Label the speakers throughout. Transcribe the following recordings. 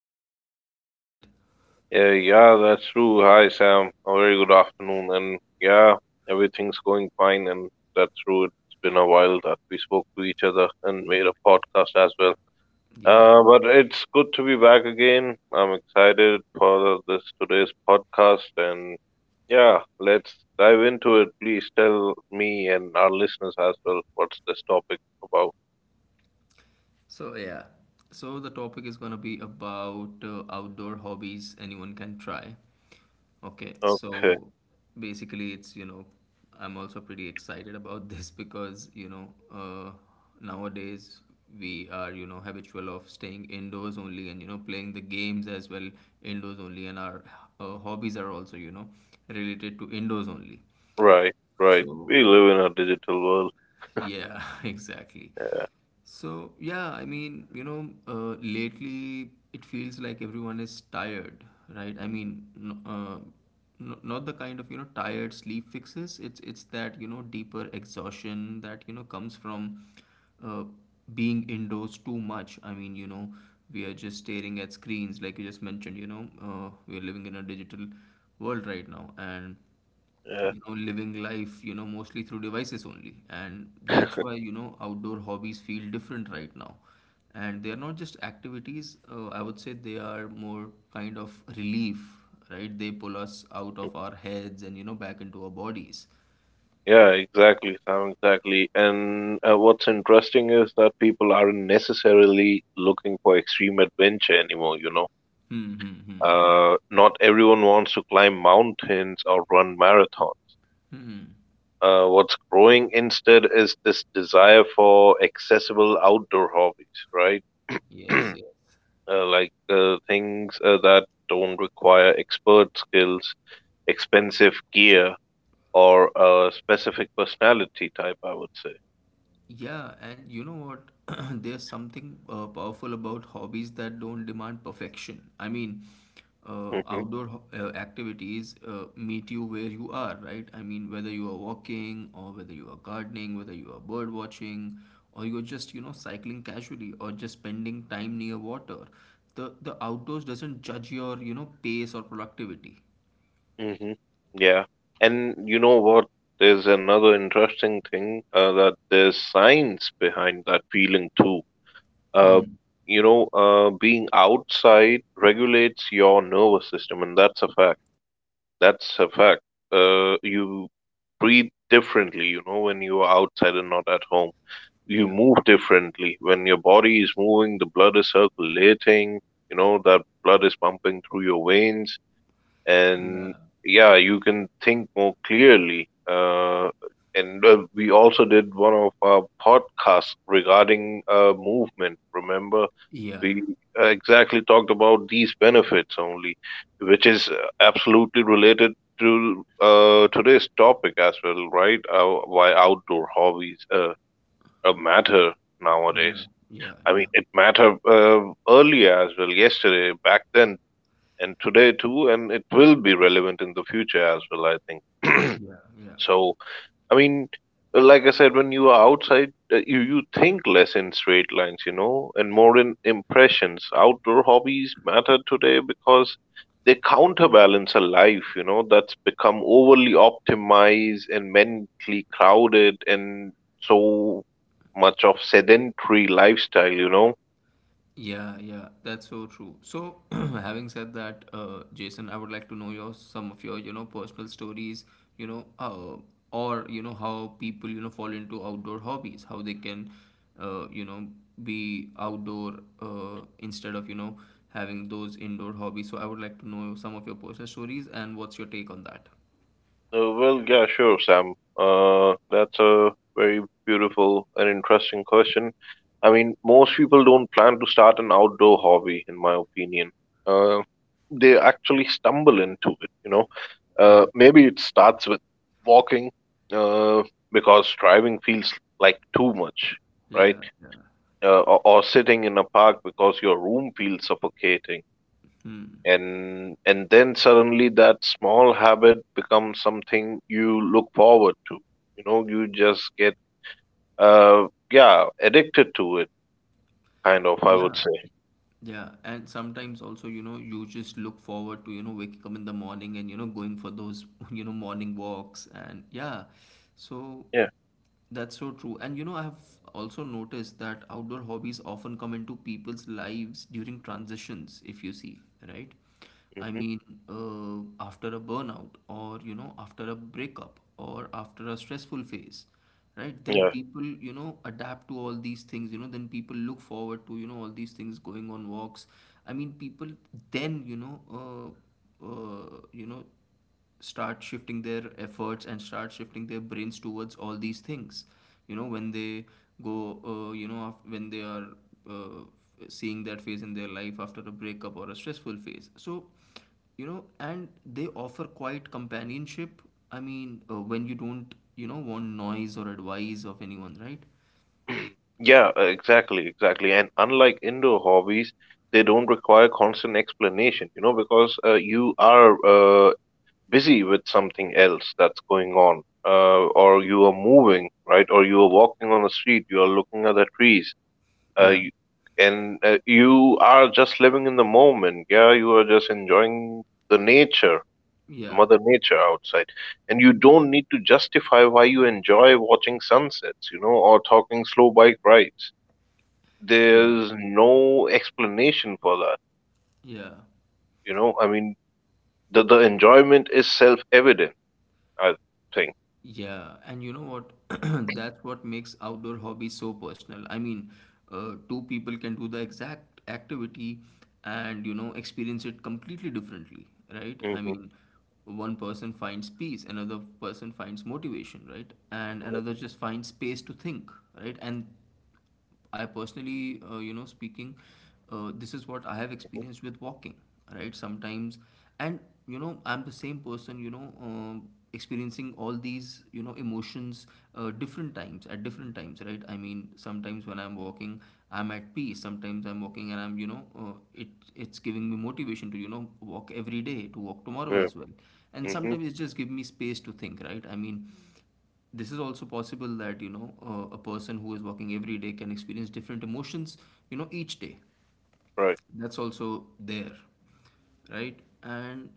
Speaker 1: have talked, right?
Speaker 2: Yeah, yeah, that's true. Hi, Sam. A very good afternoon. And yeah, everything's going fine. And that's true. It's been a while that we spoke to each other and made a podcast as well.
Speaker 1: Yeah.
Speaker 2: But it's good to be back again. I'm excited for this today's podcast. And yeah, let's dive into it. Please tell me and our listeners as well what's this topic about.
Speaker 1: So yeah, so the topic is gonna be about outdoor hobbies anyone can try. Okay,
Speaker 2: Okay,
Speaker 1: so basically it's you know I'm also pretty excited about this because uh, nowadays we are habitual of staying indoors only, and playing the games as well indoors only, and our hobbies are also, related to indoors only.
Speaker 2: right, right.
Speaker 1: So
Speaker 2: We live in a digital world.
Speaker 1: yeah, exactly. Lately it feels like everyone is tired, right? Not the kind of, tired sleep fixes. It's that, deeper exhaustion that, comes from uh, being indoors too much. We are just staring at screens, like you just mentioned. We are living in a digital world right now, and
Speaker 2: Yeah.
Speaker 1: living life mostly through devices only, and that's why outdoor hobbies feel different right now. And they are not just activities, I would say they are more kind of relief, right? They pull us out of our heads and, back into our bodies.
Speaker 2: Yeah, exactly, Sam, exactly. And what's interesting is that people aren't necessarily looking for extreme adventure anymore, you know.
Speaker 1: Hmm. hmm hmm
Speaker 2: Not everyone wants to climb mountains or run marathons.
Speaker 1: hmm hmm.
Speaker 2: What's growing instead is this desire for accessible outdoor hobbies, right?
Speaker 1: Yes,
Speaker 2: uh,
Speaker 1: yes.
Speaker 2: like things that don't require expert skills, expensive gear, or a specific personality type, I would say.
Speaker 1: Yeah, and you know what? There's something powerful about hobbies that don't demand perfection. I mean, activities meet you where you are, right? I mean, whether you are walking, or whether you are gardening, whether you are bird watching, or you're just, cycling casually, or just spending time near water, the outdoors doesn't judge your, pace or productivity.
Speaker 2: hmm Yeah. And you know what? There's another interesting thing that there's science behind that feeling too. Uh,
Speaker 1: Hmm.
Speaker 2: Being outside regulates your nervous system, and that's a fact. That's a fact. You breathe differently, you know, when you are outside and not at home. You
Speaker 1: Yeah.
Speaker 2: move differently. When your body is moving, the blood is circulating, you know, that blood is pumping through your veins, and
Speaker 1: Yeah.
Speaker 2: yeah, you can think more clearly, and we also did one of our podcasts regarding movement, remember,
Speaker 1: Yeah.
Speaker 2: we exactly talked about these benefits only, which is absolutely related to today's topic as well, right? Why outdoor hobbies matter nowadays.
Speaker 1: Yeah. Yeah.
Speaker 2: I mean,
Speaker 1: Yeah.
Speaker 2: it mattered earlier as well, yesterday, back then, and today too, and it will be relevant in the future as well, I think.
Speaker 1: Yeah. Yeah.
Speaker 2: So i mean like I said, when you are outside, you think less in straight lines, you know, and more in impressions. Outdoor hobbies matter today because they counterbalance a life, you know, that's become overly optimized and mentally crowded, and so much of sedentary lifestyle, you know.
Speaker 1: Yeah, yeah, that's so true. So, having said that, Jason, I would like to know your some of your, personal stories, you know, uh, or how people, fall into outdoor hobbies, how they can, uh, you know, be outdoor instead of, having those indoor hobbies. So, I would like to know some of your personal stories and what's your take on that?
Speaker 2: Well, yeah, sure, Sam. That's a very beautiful and interesting question. I mean, most people don't plan to start an outdoor hobby, in my opinion. Uh, they actually stumble into it, you know.
Speaker 1: Yeah,
Speaker 2: Maybe it starts with walking, uh, because driving feels like too much,
Speaker 1: yeah.
Speaker 2: right? Or sitting in a park because your room feels suffocating.
Speaker 1: Hmm.
Speaker 2: And then suddenly that small habit becomes something you look forward to. You know, you just get, uh yeah, addicted to it, kind of, I
Speaker 1: Yeah.
Speaker 2: would say.
Speaker 1: Yeah, and sometimes also, you just look forward to, waking up in the morning and, going for those, morning walks. And yeah, so
Speaker 2: Yeah.
Speaker 1: that's so true. And, I have also noticed that outdoor hobbies often come into people's lives during transitions, if you see, right? I
Speaker 2: hmm
Speaker 1: mean, after a burnout, or, after a breakup, or after a stressful phase, right? Then
Speaker 2: yeah,
Speaker 1: people, adapt to all these things. Then people look forward to, all these things going on walks. I mean, people then start shifting their efforts and start shifting their brains towards all these things, when they go, when they are uh, seeing that phase in their life after a breakup or a stressful phase. So and they offer quite companionship. I mean, when you don't, want noise or advice of anyone, right?
Speaker 2: yeah, exactly, exactly. And unlike indoor hobbies, they don't require constant explanation, you know, because you are busy with something else that's going on, or you are moving, right, or you are walking on the street, you are looking at the trees. Uh,
Speaker 1: yeah
Speaker 2: you, you are just living in the moment. Yeah, you are just enjoying the nature, the
Speaker 1: yeah
Speaker 2: mother nature outside. And you don't need to justify why you enjoy watching sunsets, you know, or talking slow bike rides.
Speaker 1: yeah
Speaker 2: There's no explanation for that,
Speaker 1: yeah.
Speaker 2: you know. I mean, the enjoyment is self-evident, I think.
Speaker 1: Yeah, and you know what? That's what makes outdoor hobbies so personal. I mean, two people can do the exact activity and, experience it completely differently, right? I
Speaker 2: Hmm
Speaker 1: mean, one person finds peace, another person finds motivation, right? And another just finds space to think, right? And I personally, speaking, this is what I have
Speaker 2: hmm
Speaker 1: experienced with walking, right? Sometimes, and, I'm the same person, experiencing all these, emotions, different times at different times, right? I mean, sometimes when I'm walking, I'm at peace. Sometimes I'm walking and I'm, it's giving me motivation to, walk every day, to walk tomorrow
Speaker 2: Yeah.
Speaker 1: as well. And
Speaker 2: hmm
Speaker 1: sometimes it just give me space to think, right? I mean, this is also possible that a person who is walking every day can experience different emotions, each day.
Speaker 2: Right.
Speaker 1: That's also there, right? And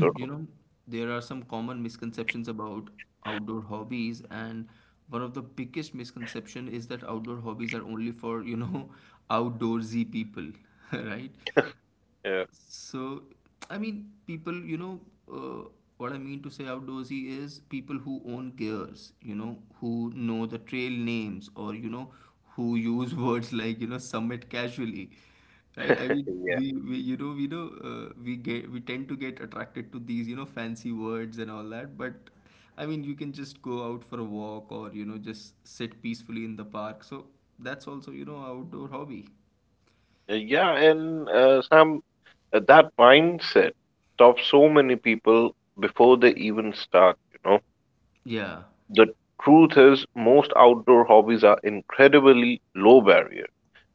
Speaker 2: Sort
Speaker 1: you
Speaker 2: of.
Speaker 1: know there are some common misconceptions about outdoor hobbies, and one of the biggest misconception is that outdoor hobbies are only for, outdoorsy people, right?
Speaker 2: Yeah.
Speaker 1: So, I mean, people, uh, what I mean to say outdoorsy is people who own gears, who know the trail names, or, who use words like, summit casually, right? I mean,
Speaker 2: Yeah.
Speaker 1: we know, we tend to get attracted to these, fancy words and all that, but I mean, you can just go out for a walk, or, just sit peacefully in the park. So that's also, outdoor hobby.
Speaker 2: Yeah, and Sam, that mindset stops so many people before they even start, you know.
Speaker 1: Yeah,
Speaker 2: The truth is, most outdoor hobbies are incredibly low barrier.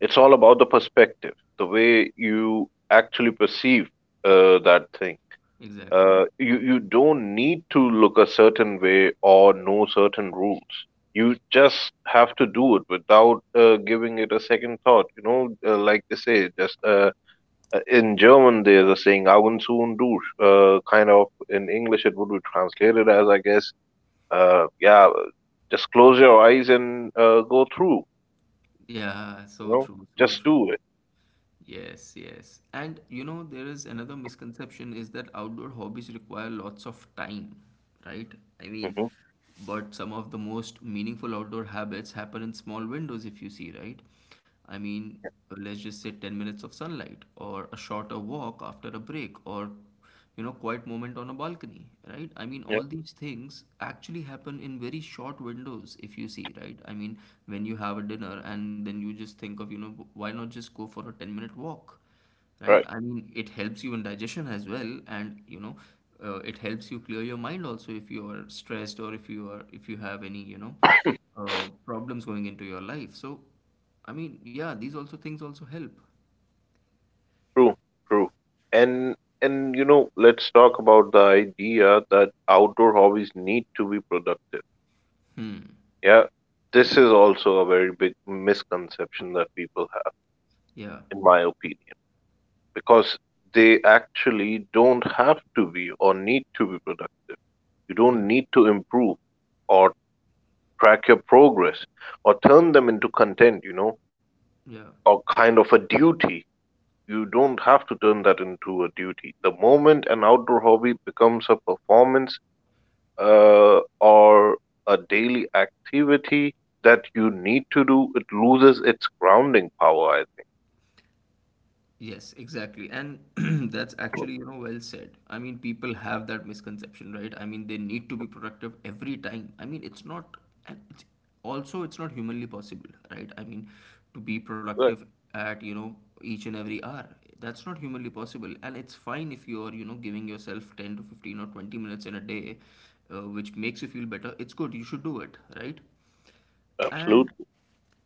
Speaker 2: It's all about the perspective, the way you actually perceive that thing.
Speaker 1: exactly.
Speaker 2: You don't need to look a certain way or know certain rules. You just have to do it without giving it a second thought, you know, like they say, just in German there's a saying "Augen zu und durch." Kind of in English it would be translated as, I guess, yeah, just close your eyes and go through.
Speaker 1: Yeah,
Speaker 2: You
Speaker 1: so
Speaker 2: know,
Speaker 1: true, so
Speaker 2: just
Speaker 1: true.
Speaker 2: do it.
Speaker 1: Yes, yes. And, there is another misconception is that outdoor hobbies require lots of time, right? I mean,
Speaker 2: Hmm
Speaker 1: but some of the most meaningful outdoor habits happen in small windows, if you see, right? I mean, let's just say 10 minutes of sunlight, or a shorter walk after a break, or, quiet moment on a balcony, right? I mean,
Speaker 2: Yeah,
Speaker 1: all these things actually happen in very short windows, if you see, right? I mean, when you have a dinner and then you just think of, why not just go for a 10-minute walk, right?
Speaker 2: right.
Speaker 1: I mean, it helps you in digestion as well, and it helps you clear your mind also if you are stressed, or if you are if you have any, problems going into your life. So, I mean, yeah, these also things also help.
Speaker 2: True, true. And and you know, let's talk about the idea that outdoor hobbies need to be productive.
Speaker 1: Hmm.
Speaker 2: Yeah, this is also a very big misconception that people have,
Speaker 1: Yeah.
Speaker 2: in my opinion, because they actually don't have to be or need to be productive. You don't
Speaker 1: Yeah.
Speaker 2: need to improve or track your progress or turn them into content, you know,
Speaker 1: Yeah.
Speaker 2: or kind of a duty. You don't have to turn that into a duty. The moment an outdoor hobby becomes a performance or a daily activity that you need to do, it loses its grounding power, I think.
Speaker 1: Yes, exactly. And that's actually, well said. I mean, people have that misconception, right? I mean, they need to be productive every time. I mean, it's not, and it's also, it's not humanly possible, right? I mean, to be
Speaker 2: Right.
Speaker 1: productive at, each and every hour, that's not humanly possible. And it's fine if you're, giving yourself 10 to 15 or 20 minutes in a day, which makes you feel better. It's good. You should do it, right? And
Speaker 2: Absolutely.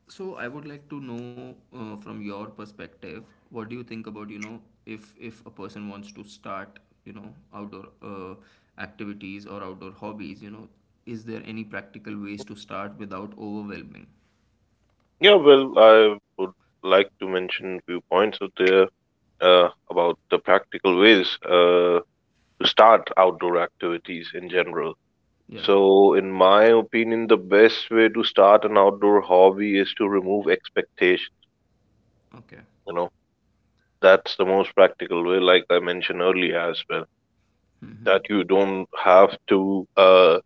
Speaker 1: so I would like to know, from your perspective, what do you think about, if a person wants to start, outdoor uh, activities or outdoor hobbies, is there any practical ways to start without overwhelming?
Speaker 2: Yeah, well, I would like to mention a few points out there about the practical ways to start outdoor activities in general.
Speaker 1: Yeah.
Speaker 2: So, in my opinion, the best way to start an outdoor hobby is to remove expectations.
Speaker 1: Okay.
Speaker 2: You know, that's the most practical way, like I mentioned earlier as well,
Speaker 1: Mm-hmm.
Speaker 2: that you don't have to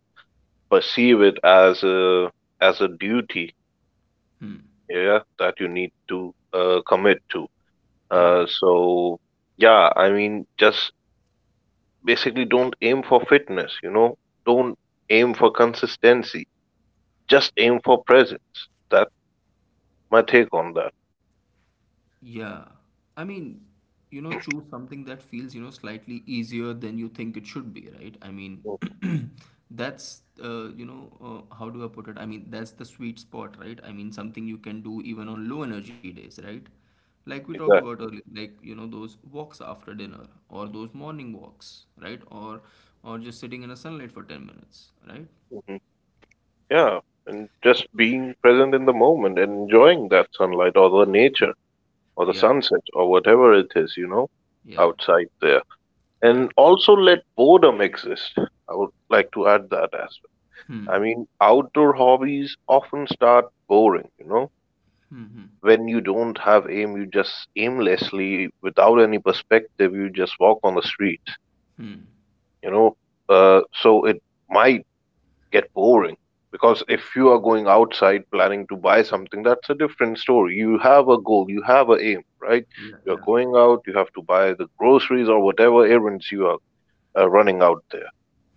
Speaker 2: perceive it as a duty,
Speaker 1: Hmm.
Speaker 2: yeah, that you need to commit to.
Speaker 1: Yeah.
Speaker 2: So, yeah, I mean, just basically don't aim for fitness, you know, don't aim for consistency, just aim for presence. That's my take on that.
Speaker 1: Yeah. I mean, choose something that feels, slightly easier than you think it should be, right? I mean,
Speaker 2: Mm,
Speaker 1: that's, how do I put it? I mean, that's the sweet spot, right? I mean, something you can do even on low energy days, right? Like we talked
Speaker 2: exactly.
Speaker 1: about earlier, like, those walks after dinner or those morning walks, right? Or just sitting in the sunlight for 10 minutes, right?
Speaker 2: hmm Yeah, and just being present in the moment and enjoying that sunlight or the nature or the
Speaker 1: Yeah.
Speaker 2: sunset or whatever it is, you know,
Speaker 1: Yeah.
Speaker 2: outside there.
Speaker 1: Yeah.
Speaker 2: And also let boredom exist. I would like to add that as,
Speaker 1: Hmm.
Speaker 2: I mean, outdoor hobbies often start boring, you know,
Speaker 1: Hmm. Hmm.
Speaker 2: when you don't have aim, you just aimlessly, without any perspective, you just walk on the street,
Speaker 1: Hmm.
Speaker 2: you know. So it might get boring because if you are going outside planning to buy something, that's a different story. You have a goal, you have a aim, right?
Speaker 1: Yeah.
Speaker 2: You are
Speaker 1: Yeah.
Speaker 2: going out, you have to buy the groceries or whatever errands you are running out there.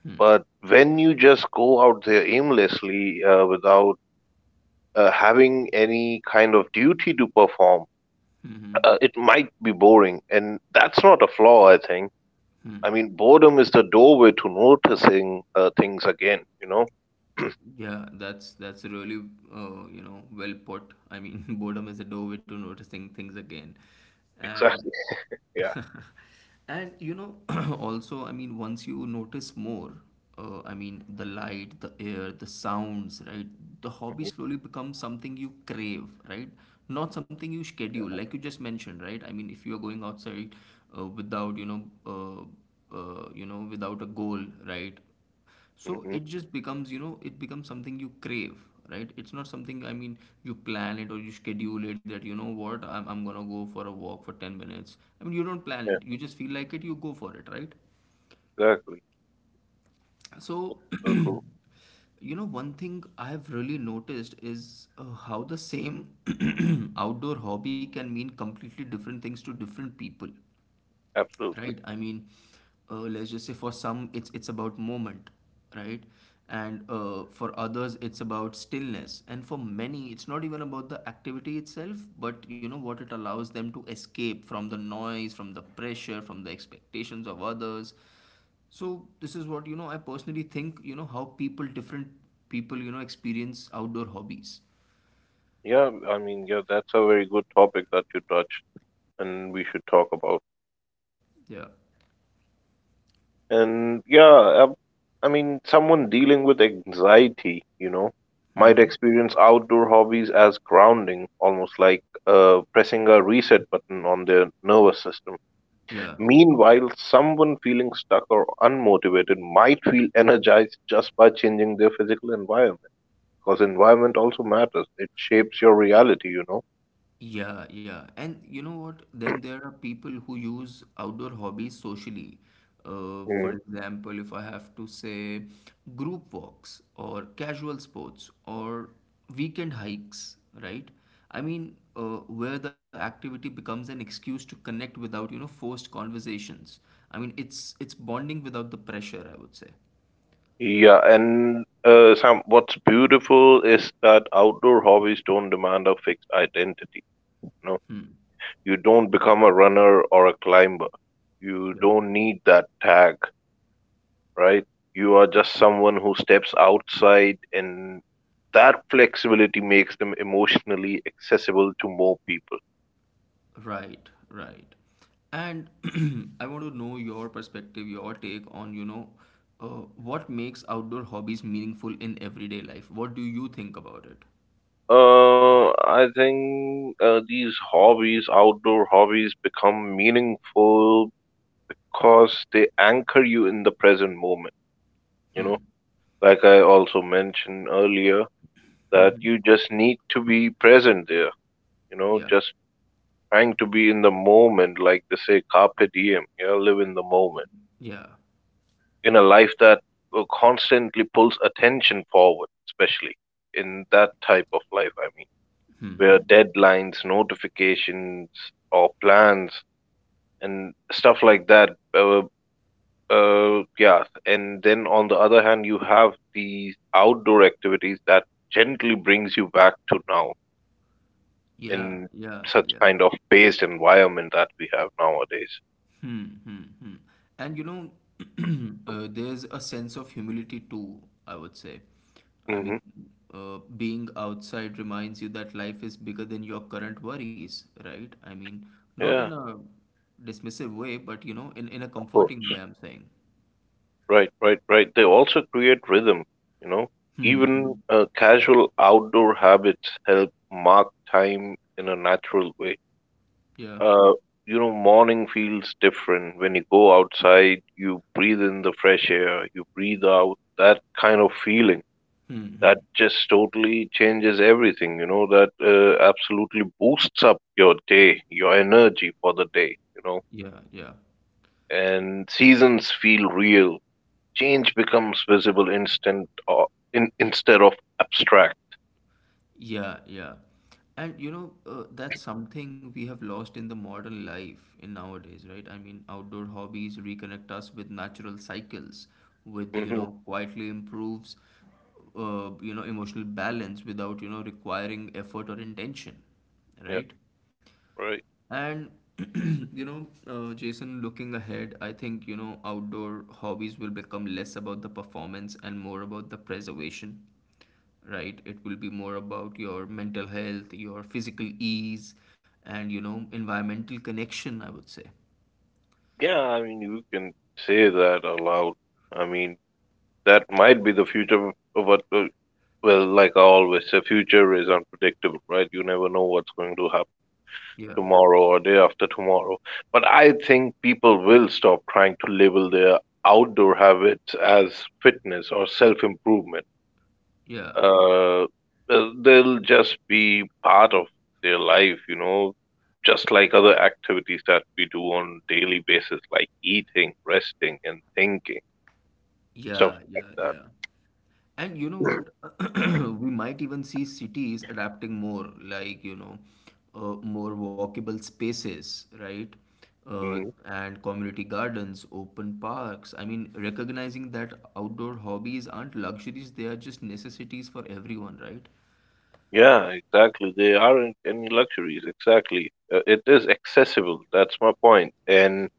Speaker 1: Hmm.
Speaker 2: But when you just go out there aimlessly without having any kind of duty to perform,
Speaker 1: Hmm. hmm.
Speaker 2: it might be boring. And that's not a flaw, I think.
Speaker 1: Hmm.
Speaker 2: I mean, boredom is the doorway to noticing things again, you know?
Speaker 1: Yeah, that's really, uh, well put. I mean, boredom is a doorway to noticing things again, and
Speaker 2: Exactly. Yeah.
Speaker 1: and also, I mean, once you notice more, I mean the light, the air, the sounds, right? The hobby
Speaker 2: hmm
Speaker 1: slowly becomes something you crave, right? Not something you schedule, like you just mentioned, right? I mean, if you are going outside, without without a goal, right? So
Speaker 2: Yeah. hmm
Speaker 1: it just becomes, it becomes something you crave, right? It's not something, I mean, you plan it or you schedule it, that I'm gonna go for a walk for 10 minutes. I mean, you don't plan
Speaker 2: yeah.
Speaker 1: it, you just feel like it, you go for it, right?
Speaker 2: Exactly.
Speaker 1: So
Speaker 2: So true.
Speaker 1: one thing I have really noticed is, how the same outdoor hobby can mean completely different things to different people,
Speaker 2: Absolutely.
Speaker 1: right? I mean, let's just say for some it's about moment, right? And for others it's about stillness, and for many it's not even about the activity itself, but what it allows them to escape from: the noise, from the pressure, from the expectations of others. So this is what, I personally think, how people different people, experience outdoor hobbies.
Speaker 2: Yeah. I mean, yeah, that's a very good topic that you touched and we should talk about.
Speaker 1: Yeah.
Speaker 2: And yeah, uh, I mean, someone dealing with anxiety, you know, might
Speaker 1: Mm-hmm.
Speaker 2: experience outdoor hobbies as grounding, almost like pressing a reset button on their nervous system.
Speaker 1: Yeah,
Speaker 2: Meanwhile, someone feeling stuck or unmotivated might feel energized just by changing their physical environment, because environment also matters. It shapes your reality, you know.
Speaker 1: yeah. yeah. And you know what? Then there are people who use outdoor hobbies socially. For
Speaker 2: Mm.
Speaker 1: example, if I have to say, group walks or casual sports or weekend hikes, right? I mean, where the activity becomes an excuse to connect without, you know, forced conversations. I mean, it's bonding without the pressure, I would say.
Speaker 2: Yeah, and Sam, what's beautiful is that outdoor hobbies don't demand a fixed identity. No,
Speaker 1: Hmm.
Speaker 2: you don't become a runner or a climber. You
Speaker 1: Yeah.
Speaker 2: don't need that tag, right? You are just someone who steps outside, and that flexibility makes them emotionally accessible to more people.
Speaker 1: Right, right. And I want to know your perspective, your take on, you know, what makes outdoor hobbies meaningful in everyday life? What do you think about it?
Speaker 2: I think these hobbies, outdoor hobbies, become meaningful because they anchor you in the present moment. You know,
Speaker 1: Hmm.
Speaker 2: like I also mentioned earlier, that you just need to be present there. You know,
Speaker 1: Yeah.
Speaker 2: just trying to be in the moment, like they say, carpe diem, yeah, live in the moment,
Speaker 1: Yeah.
Speaker 2: in a life that constantly pulls attention forward, especially in that type of life, I mean,
Speaker 1: Hmm,
Speaker 2: where
Speaker 1: hmm.
Speaker 2: deadlines, notifications, or plans and stuff like that. Uh, yeah, and then on the other hand, you have these outdoor activities that gently brings you back to now,
Speaker 1: Yeah.
Speaker 2: in
Speaker 1: Yeah.
Speaker 2: such
Speaker 1: Yeah.
Speaker 2: kind of paced environment that we have nowadays.
Speaker 1: Hmm, hmm, hmm. And you know, there's a sense of humility too, I would say. I mean,
Speaker 2: Hmm
Speaker 1: being outside reminds you that life is bigger than your current worries, right? I mean, not in
Speaker 2: Yeah,
Speaker 1: a dismissive way, but you know, in a
Speaker 2: of
Speaker 1: comforting
Speaker 2: course.
Speaker 1: way, I'm saying.
Speaker 2: Right, right, right. They also create rhythm, you know.
Speaker 1: Hmm,
Speaker 2: Even
Speaker 1: hmm.
Speaker 2: casual outdoor habits help mark time in a natural way.
Speaker 1: Yeah.
Speaker 2: Uh, you know, morning feels different when you go outside, you breathe in the fresh air, you breathe out, that kind of feeling.
Speaker 1: Hmm, hmm.
Speaker 2: That just totally changes everything, you know, that absolutely boosts up your day, your energy for the day, you know.
Speaker 1: Yeah, yeah.
Speaker 2: And seasons feel real. Change becomes visible instant, or in instead of abstract.
Speaker 1: Yeah, yeah. And you know, that's something we have lost in the modern life in nowadays, right? I mean, outdoor hobbies reconnect us with natural cycles, with, you
Speaker 2: Hmm
Speaker 1: know, quietly improves, you know, emotional balance without, you know, requiring effort or intention,
Speaker 2: Yeah,
Speaker 1: right?
Speaker 2: right.
Speaker 1: And you know, Jason, looking ahead, I think you know outdoor hobbies will become less about the performance and more about the preservation, right? It will be more about your mental health, your physical ease, and you know, environmental connection, I would say.
Speaker 2: Yeah, I mean, you can say that aloud. I mean, that might be the future of what, well, like I always say, future is unpredictable, right? You never know what's going to happen
Speaker 1: Yeah,
Speaker 2: tomorrow or day after tomorrow. But I think people will stop trying to label their outdoor habits as fitness or self improvement.
Speaker 1: yeah,
Speaker 2: Uh, they'll just be part of their life, you know, just like other activities that we do on daily basis, like eating, resting, and thinking, stuff
Speaker 1: yeah,
Speaker 2: like
Speaker 1: yeah,
Speaker 2: that.
Speaker 1: yeah. And you know what? We might even see cities adapting more, like, you know, more walkable spaces, right?
Speaker 2: Mm.
Speaker 1: And community gardens, open parks. I mean, recognizing that outdoor hobbies aren't luxuries, they are just necessities for everyone, right?
Speaker 2: Yeah, exactly. There aren't any luxuries. Exactly. It is accessible. That's my point.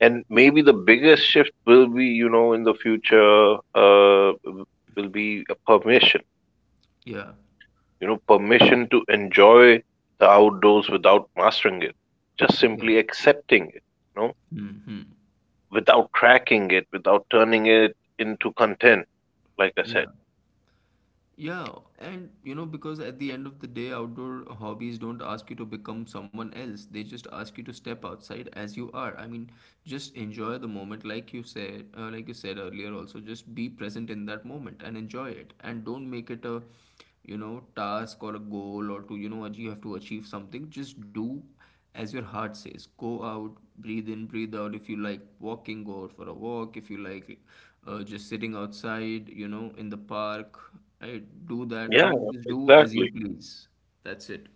Speaker 2: And maybe the biggest shift will be, you know, in the future, will be a permission.
Speaker 1: Yeah,
Speaker 2: You know, permission to enjoy the outdoors without mastering it. Just
Speaker 1: yeah.
Speaker 2: simply accepting it, you know,
Speaker 1: Hmm.
Speaker 2: without cracking it, without turning it into content, like I said.
Speaker 1: Yeah. Yeah, and you know, because at the end of the day, outdoor hobbies don't ask you to become someone else. They just ask you to step outside as you are. I mean, just enjoy the moment, like you said earlier. Also, just be present in that moment and enjoy it, and don't make it a, you know, task or a goal or to you know, you have to achieve something. Just do as your heart says, go out, breathe in, breathe out, if you like walking, go out for a walk. If you like just sitting outside, you know, in the park, I do that. I
Speaker 2: Yeah,
Speaker 1: mean, just do as you
Speaker 2: exactly.
Speaker 1: please. That's it.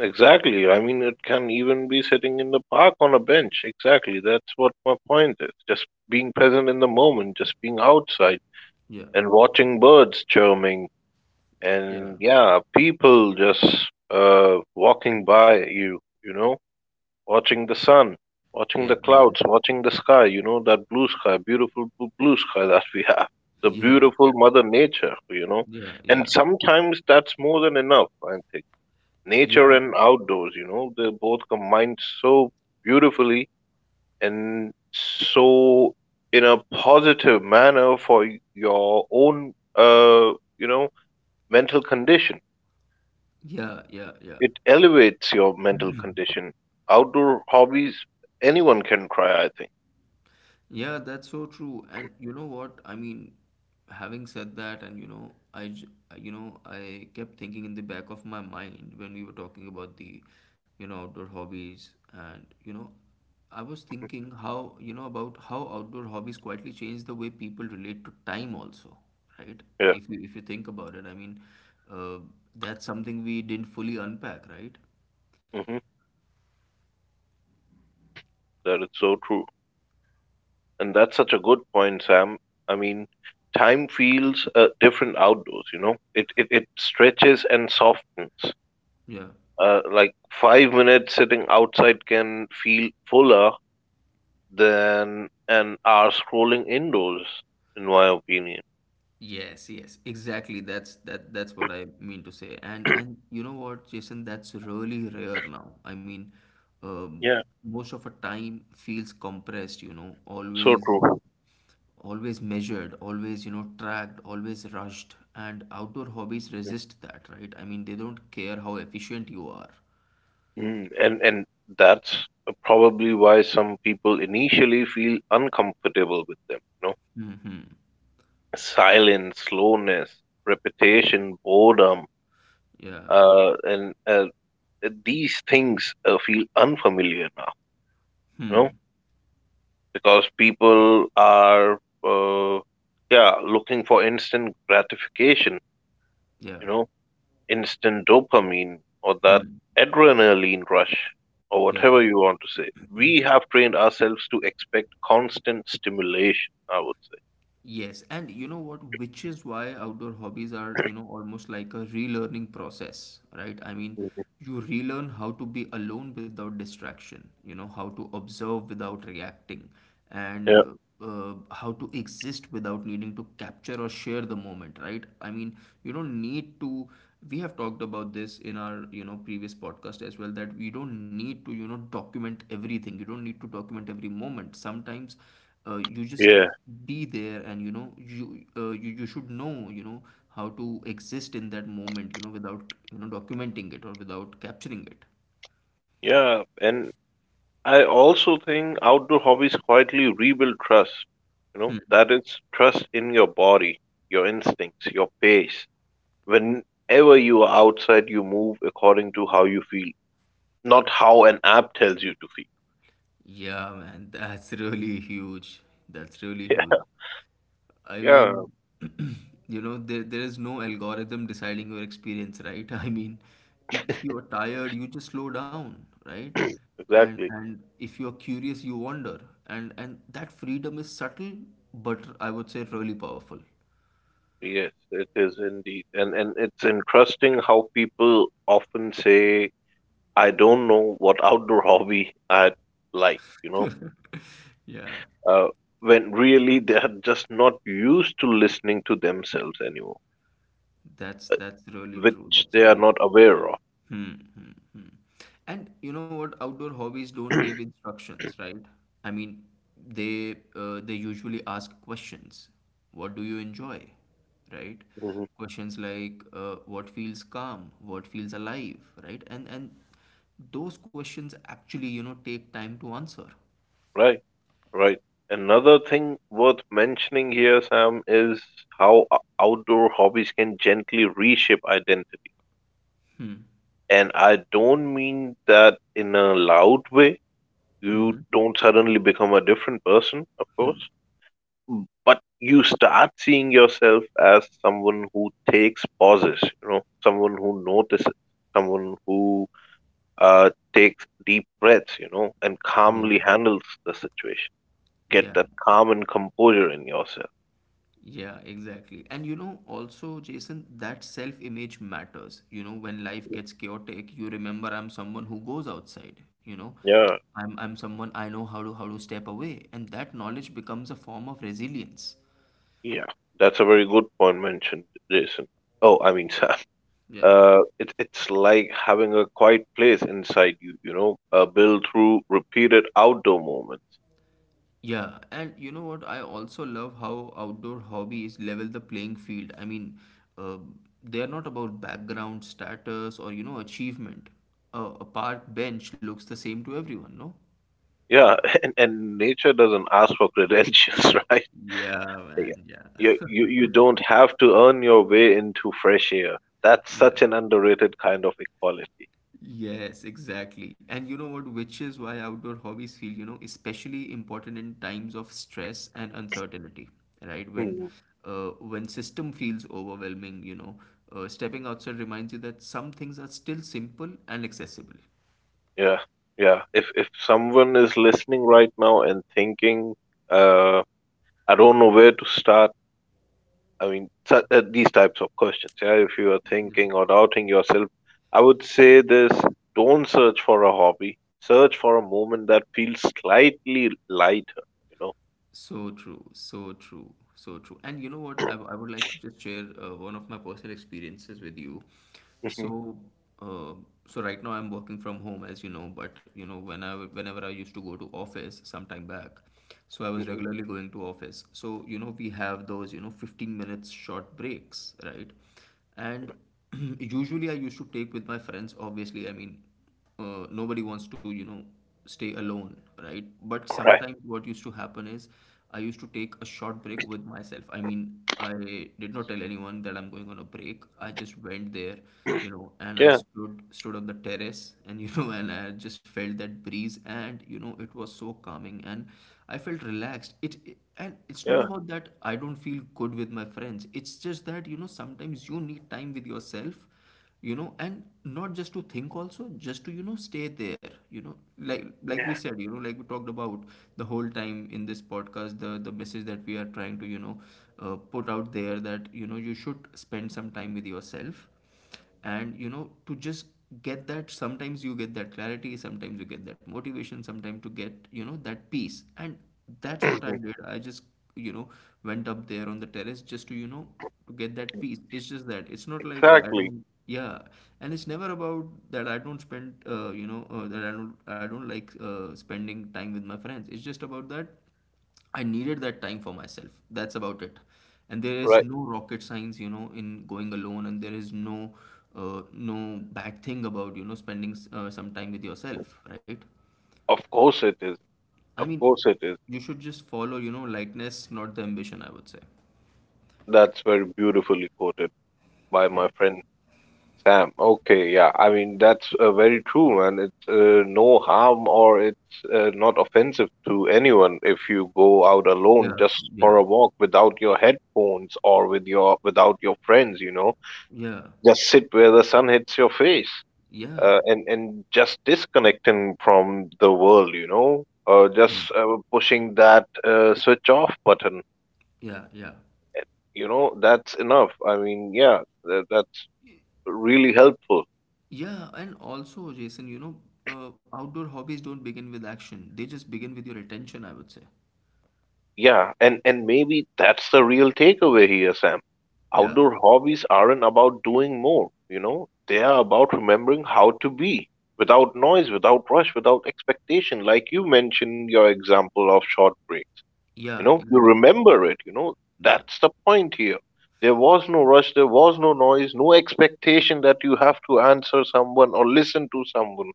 Speaker 2: Exactly. I mean, it can even be sitting in the park on a bench. Exactly. That's what my point is. Just being present in the moment, just being outside
Speaker 1: Yeah,
Speaker 2: and watching birds chirping
Speaker 1: yeah,
Speaker 2: and yeah, people just walking by you, you know, watching the sun, watching
Speaker 1: yeah,
Speaker 2: the
Speaker 1: yeah,
Speaker 2: clouds, watching the sky, you know, that blue sky, beautiful blue sky that we have. The
Speaker 1: yeah, yeah,
Speaker 2: beautiful mother nature, you know,
Speaker 1: yeah,
Speaker 2: and
Speaker 1: yeah,
Speaker 2: sometimes that's more than enough, I think nature
Speaker 1: yeah,
Speaker 2: and outdoors, you know, they both combined so beautifully and so in a positive manner for your own, you know, mental condition.
Speaker 1: yeah, yeah. Yeah.
Speaker 2: It elevates your mental condition. Outdoor hobbies, anyone can try, I think.
Speaker 1: Yeah, that's so true. And you know what? I mean, having said that, and you know, you know, I kept thinking in the back of my mind when we were talking about the, you know, outdoor hobbies, and you know, I was
Speaker 2: Mhm.
Speaker 1: thinking how, you know, about how outdoor hobbies quietly change the way people relate to time also, right?
Speaker 2: Yeah,
Speaker 1: If you think about it, I mean, uh, that's something we didn't fully unpack, right?
Speaker 2: hmm, that is so true. And that's such a good point, Sam. I mean, time feels different outdoors, you know, it stretches and softens.
Speaker 1: Yeah.
Speaker 2: Like 5 minutes sitting outside can feel fuller than an hour scrolling indoors, in my opinion.
Speaker 1: Yes, yes, exactly. That's what I mean to say. And you know what, Jason, that's really rare now. I mean, um,
Speaker 2: Yeah,
Speaker 1: most of our time feels compressed, you know,
Speaker 2: so true.
Speaker 1: always measured, always, you know, tracked, always rushed. And outdoor hobbies resist that, right? I mean, they don't care how efficient you are.
Speaker 2: Mm, and that's probably why some people initially feel uncomfortable with them. You know,
Speaker 1: Mm-hmm.
Speaker 2: silence, slowness, repetition, boredom,
Speaker 1: Yeah.
Speaker 2: and these things feel unfamiliar now. You know,
Speaker 1: Hmm.
Speaker 2: because people are uh, yeah looking for instant gratification,
Speaker 1: Yeah.
Speaker 2: you know, instant dopamine, or that
Speaker 1: Hmm.
Speaker 2: adrenaline rush, or
Speaker 1: Yeah.
Speaker 2: whatever you want to say. We have trained ourselves to expect constant stimulation, I would say.
Speaker 1: Yes, and you know what, which is why outdoor hobbies are, you know, almost like a relearning process, right? I mean,
Speaker 2: Mhm.
Speaker 1: you relearn how to be alone without distraction, you know, how to observe without reacting, and
Speaker 2: Yeah,
Speaker 1: how to exist without needing to capture or share the moment, right? I mean, you don't need to, we have talked about this in our, you know, previous podcast as well, that we don't need to, you know, document everything. You don't need to document every moment. Sometimes you just
Speaker 2: yeah,
Speaker 1: be there, and you know you, you should know, you know, how to exist in that moment, you know, without, you know, documenting it or without capturing it.
Speaker 2: yeah, and I also think outdoor hobbies quietly rebuild trust, you know, that is trust in your body, your instincts, your pace. Whenever you are outside, you move according to how you feel, not how an app tells you to feel.
Speaker 1: Yeah, man, that's really huge. That's really huge. I
Speaker 2: Yeah.
Speaker 1: mean, you know, there is no algorithm deciding your experience, right? I mean, if you are tired, you just slow down, right? And
Speaker 2: Exactly.
Speaker 1: if you are curious, you wander. And that freedom is subtle, but I would say really powerful.
Speaker 2: Yes, it is indeed. And it's interesting how people often say, I don't know what outdoor hobby I like, you know,
Speaker 1: Yeah,
Speaker 2: uh, when really they are just not used to listening to themselves anymore,
Speaker 1: that's really true.
Speaker 2: which
Speaker 1: That's
Speaker 2: they are
Speaker 1: really
Speaker 2: not
Speaker 1: true.
Speaker 2: aware of.
Speaker 1: Hmm, hmm, hmm. And you know what? Outdoor hobbies don't give
Speaker 2: Mhm.
Speaker 1: instructions, right? I mean, they usually ask questions. What do you enjoy? Right? Questions like what feels calm, what feels alive, right? And those questions actually, you know, take time to answer.
Speaker 2: Right, right. Another thing worth mentioning here, Sam, is how outdoor hobbies can gently reshape identity. And I don't mean that in a loud way.
Speaker 1: Mm-hmm.
Speaker 2: You don't suddenly become a different person, of course, but you start seeing yourself as someone who takes pauses, you know, someone who notices, someone who takes deep breaths, you know, and
Speaker 1: Yeah.
Speaker 2: calmly handles the situation, get
Speaker 1: Yeah.
Speaker 2: that calm and composure in yourself.
Speaker 1: Yeah, exactly. And you know, also, Jason, that self image matters. You know, when life gets chaotic, you remember I'm someone who goes outside, you know.
Speaker 2: Yeah,
Speaker 1: I'm someone, I know how to step away, and that knowledge becomes a form of resilience.
Speaker 2: yeah, that's a very good point mentioned, Jason. Oh, I mean, Sam,
Speaker 1: Yeah.
Speaker 2: it, it's like having a quiet place inside you, you know, built through repeated outdoor moments.
Speaker 1: Yeah, and you know what? I also love how outdoor hobbies level the playing field. I mean, uh, they are not about background status or, you know, achievement. A park bench looks the same to everyone, no?
Speaker 2: Yeah, and nature doesn't ask for credentials, right.
Speaker 1: Yeah, man,
Speaker 2: You,
Speaker 1: yeah.
Speaker 2: you don't have to earn your way into fresh air. That's such
Speaker 1: Yeah.
Speaker 2: an underrated kind of equality.
Speaker 1: Yes, exactly. And you know what, which is why outdoor hobbies feel, you know, especially important in times of stress and uncertainty, right?
Speaker 2: Hmm.
Speaker 1: When system feels overwhelming, you know, stepping outside reminds you that some things are still simple and accessible.
Speaker 2: Yeah, yeah. If someone is listening right now and thinking, uh, I don't know where to start. I mean, these types of questions. Yeah, if you are thinking or doubting yourself, I would say this: don't search for a hobby. Search for a moment that feels slightly lighter. You know.
Speaker 1: So true, so true, so true. And you know what? I, I would like to just share one of my personal experiences with you.
Speaker 2: Mhm,
Speaker 1: So, uh, so right now I'm working from home, as you know, but you know, whenever I used to go to office some time back, so I was
Speaker 2: mhm.
Speaker 1: regularly going to office. So, you know, we have those, you know, 15 minutes short breaks, right? And usually I used to take with my friends, obviously. I mean, nobody wants to, you know, stay alone, right? But
Speaker 2: Right.
Speaker 1: sometimes what used to happen is, I used to take a short break with myself. I mean, I did not tell anyone that I'm going on a break. I just went there, you know, and I
Speaker 2: Yeah.
Speaker 1: stood on the terrace, and you know, and I just felt that breeze, and you know, it was so calming, and I felt relaxed. It and it's not
Speaker 2: Yeah.
Speaker 1: about that I don't feel good with my friends. It's just that, you know, sometimes you need time with yourself, you know, and not just to think, also just to, you know, stay there, you know, like we said, you know, like we talked about the whole time in this podcast, the message that we are trying to, you know, put out there, that you know, you should spend some time with yourself. And you know, to just get that, sometimes you get that clarity, sometimes you get that motivation, sometimes to get, you know, that peace. And that's what I did. I just, you know, went up there on the terrace just to, you know, to get that peace. It's just that, it's not like I
Speaker 2: Exactly,
Speaker 1: don't, yeah, and it's never about that I don't spend you know, that I don't, I don't like spending time with my friends. It's just about that I needed that time for myself. That's about it. And there is
Speaker 2: right.
Speaker 1: no rocket science, you know, in going alone, and there is no no bad thing about, you know, spending some time with yourself, right?
Speaker 2: Of course it is.
Speaker 1: I
Speaker 2: Of
Speaker 1: mean,
Speaker 2: course it is.
Speaker 1: you should just follow, you know, lightness, not the ambition, I would say.
Speaker 2: That's very beautifully quoted by
Speaker 1: Yeah.
Speaker 2: my friend Sam. Okay, yeah. I mean, that's very true, and it's no harm, or it's not offensive to anyone if you go out alone
Speaker 1: Yeah,
Speaker 2: just for
Speaker 1: yeah,
Speaker 2: a walk without your headphones, or with your without your friends, you know.
Speaker 1: yeah.
Speaker 2: Just sit where the sun hits your face.
Speaker 1: Yeah,
Speaker 2: And just disconnecting from the world, you know,
Speaker 1: yeah,
Speaker 2: just pushing that switch off button,
Speaker 1: yeah, yeah.
Speaker 2: you know, that's enough. I mean, yeah, that's really helpful.
Speaker 1: Yeah, and also, Jason, you know, outdoor hobbies don't begin with action. They just begin with your attention, I would say.
Speaker 2: Yeah, and maybe that's the real takeaway here, Sam.
Speaker 1: Yeah,
Speaker 2: Outdoor hobbies aren't about doing more, you know, they are about remembering how to be, without noise, without rush, without expectation. Like you mentioned your example of short breaks, you
Speaker 1: yeah,
Speaker 2: know, you
Speaker 1: exactly.
Speaker 2: remember it, you know,
Speaker 1: Yeah,
Speaker 2: that's the point here. There was no rush, there was no noise, no expectation that you have to answer someone or listen to someone,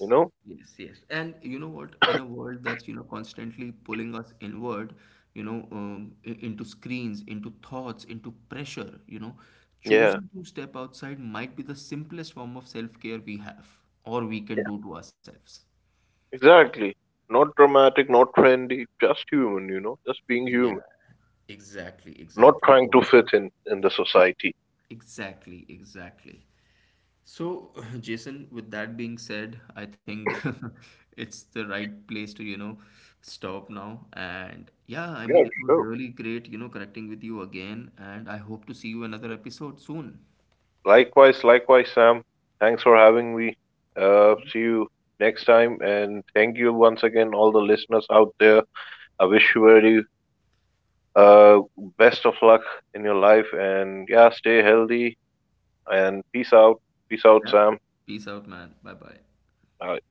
Speaker 2: you know.
Speaker 1: yes, yes. And you know what? In a world that's, you know, constantly pulling us inward, you know, into screens, into thoughts, into pressure, you know,
Speaker 2: Yeah,
Speaker 1: choosing to step outside might be the simplest form of self-care we have or we can do to ourselves.
Speaker 2: exactly. Not dramatic, not trendy, just human, you know, just being human.
Speaker 1: Yeah, exactly,
Speaker 2: Not
Speaker 1: exactly.
Speaker 2: trying
Speaker 1: Oh,
Speaker 2: to fit in the society.
Speaker 1: exactly, exactly. So, Jason, with that being said, I think it's the right place to, you know, stop now. And yeah, I
Speaker 2: Yeah,
Speaker 1: mean, it was
Speaker 2: sure.
Speaker 1: really great, you know, connecting with you again. And I hope to see you another episode soon.
Speaker 2: Likewise, likewise, Sam. Thanks for having me. See you next time, and thank you once again, all the listeners out there. I wish you very uh best of luck in your life, and yeah, stay healthy and peace out. Peace out,
Speaker 1: Yeah.
Speaker 2: Sam.
Speaker 1: Peace out, man. Bye bye.
Speaker 2: Bye.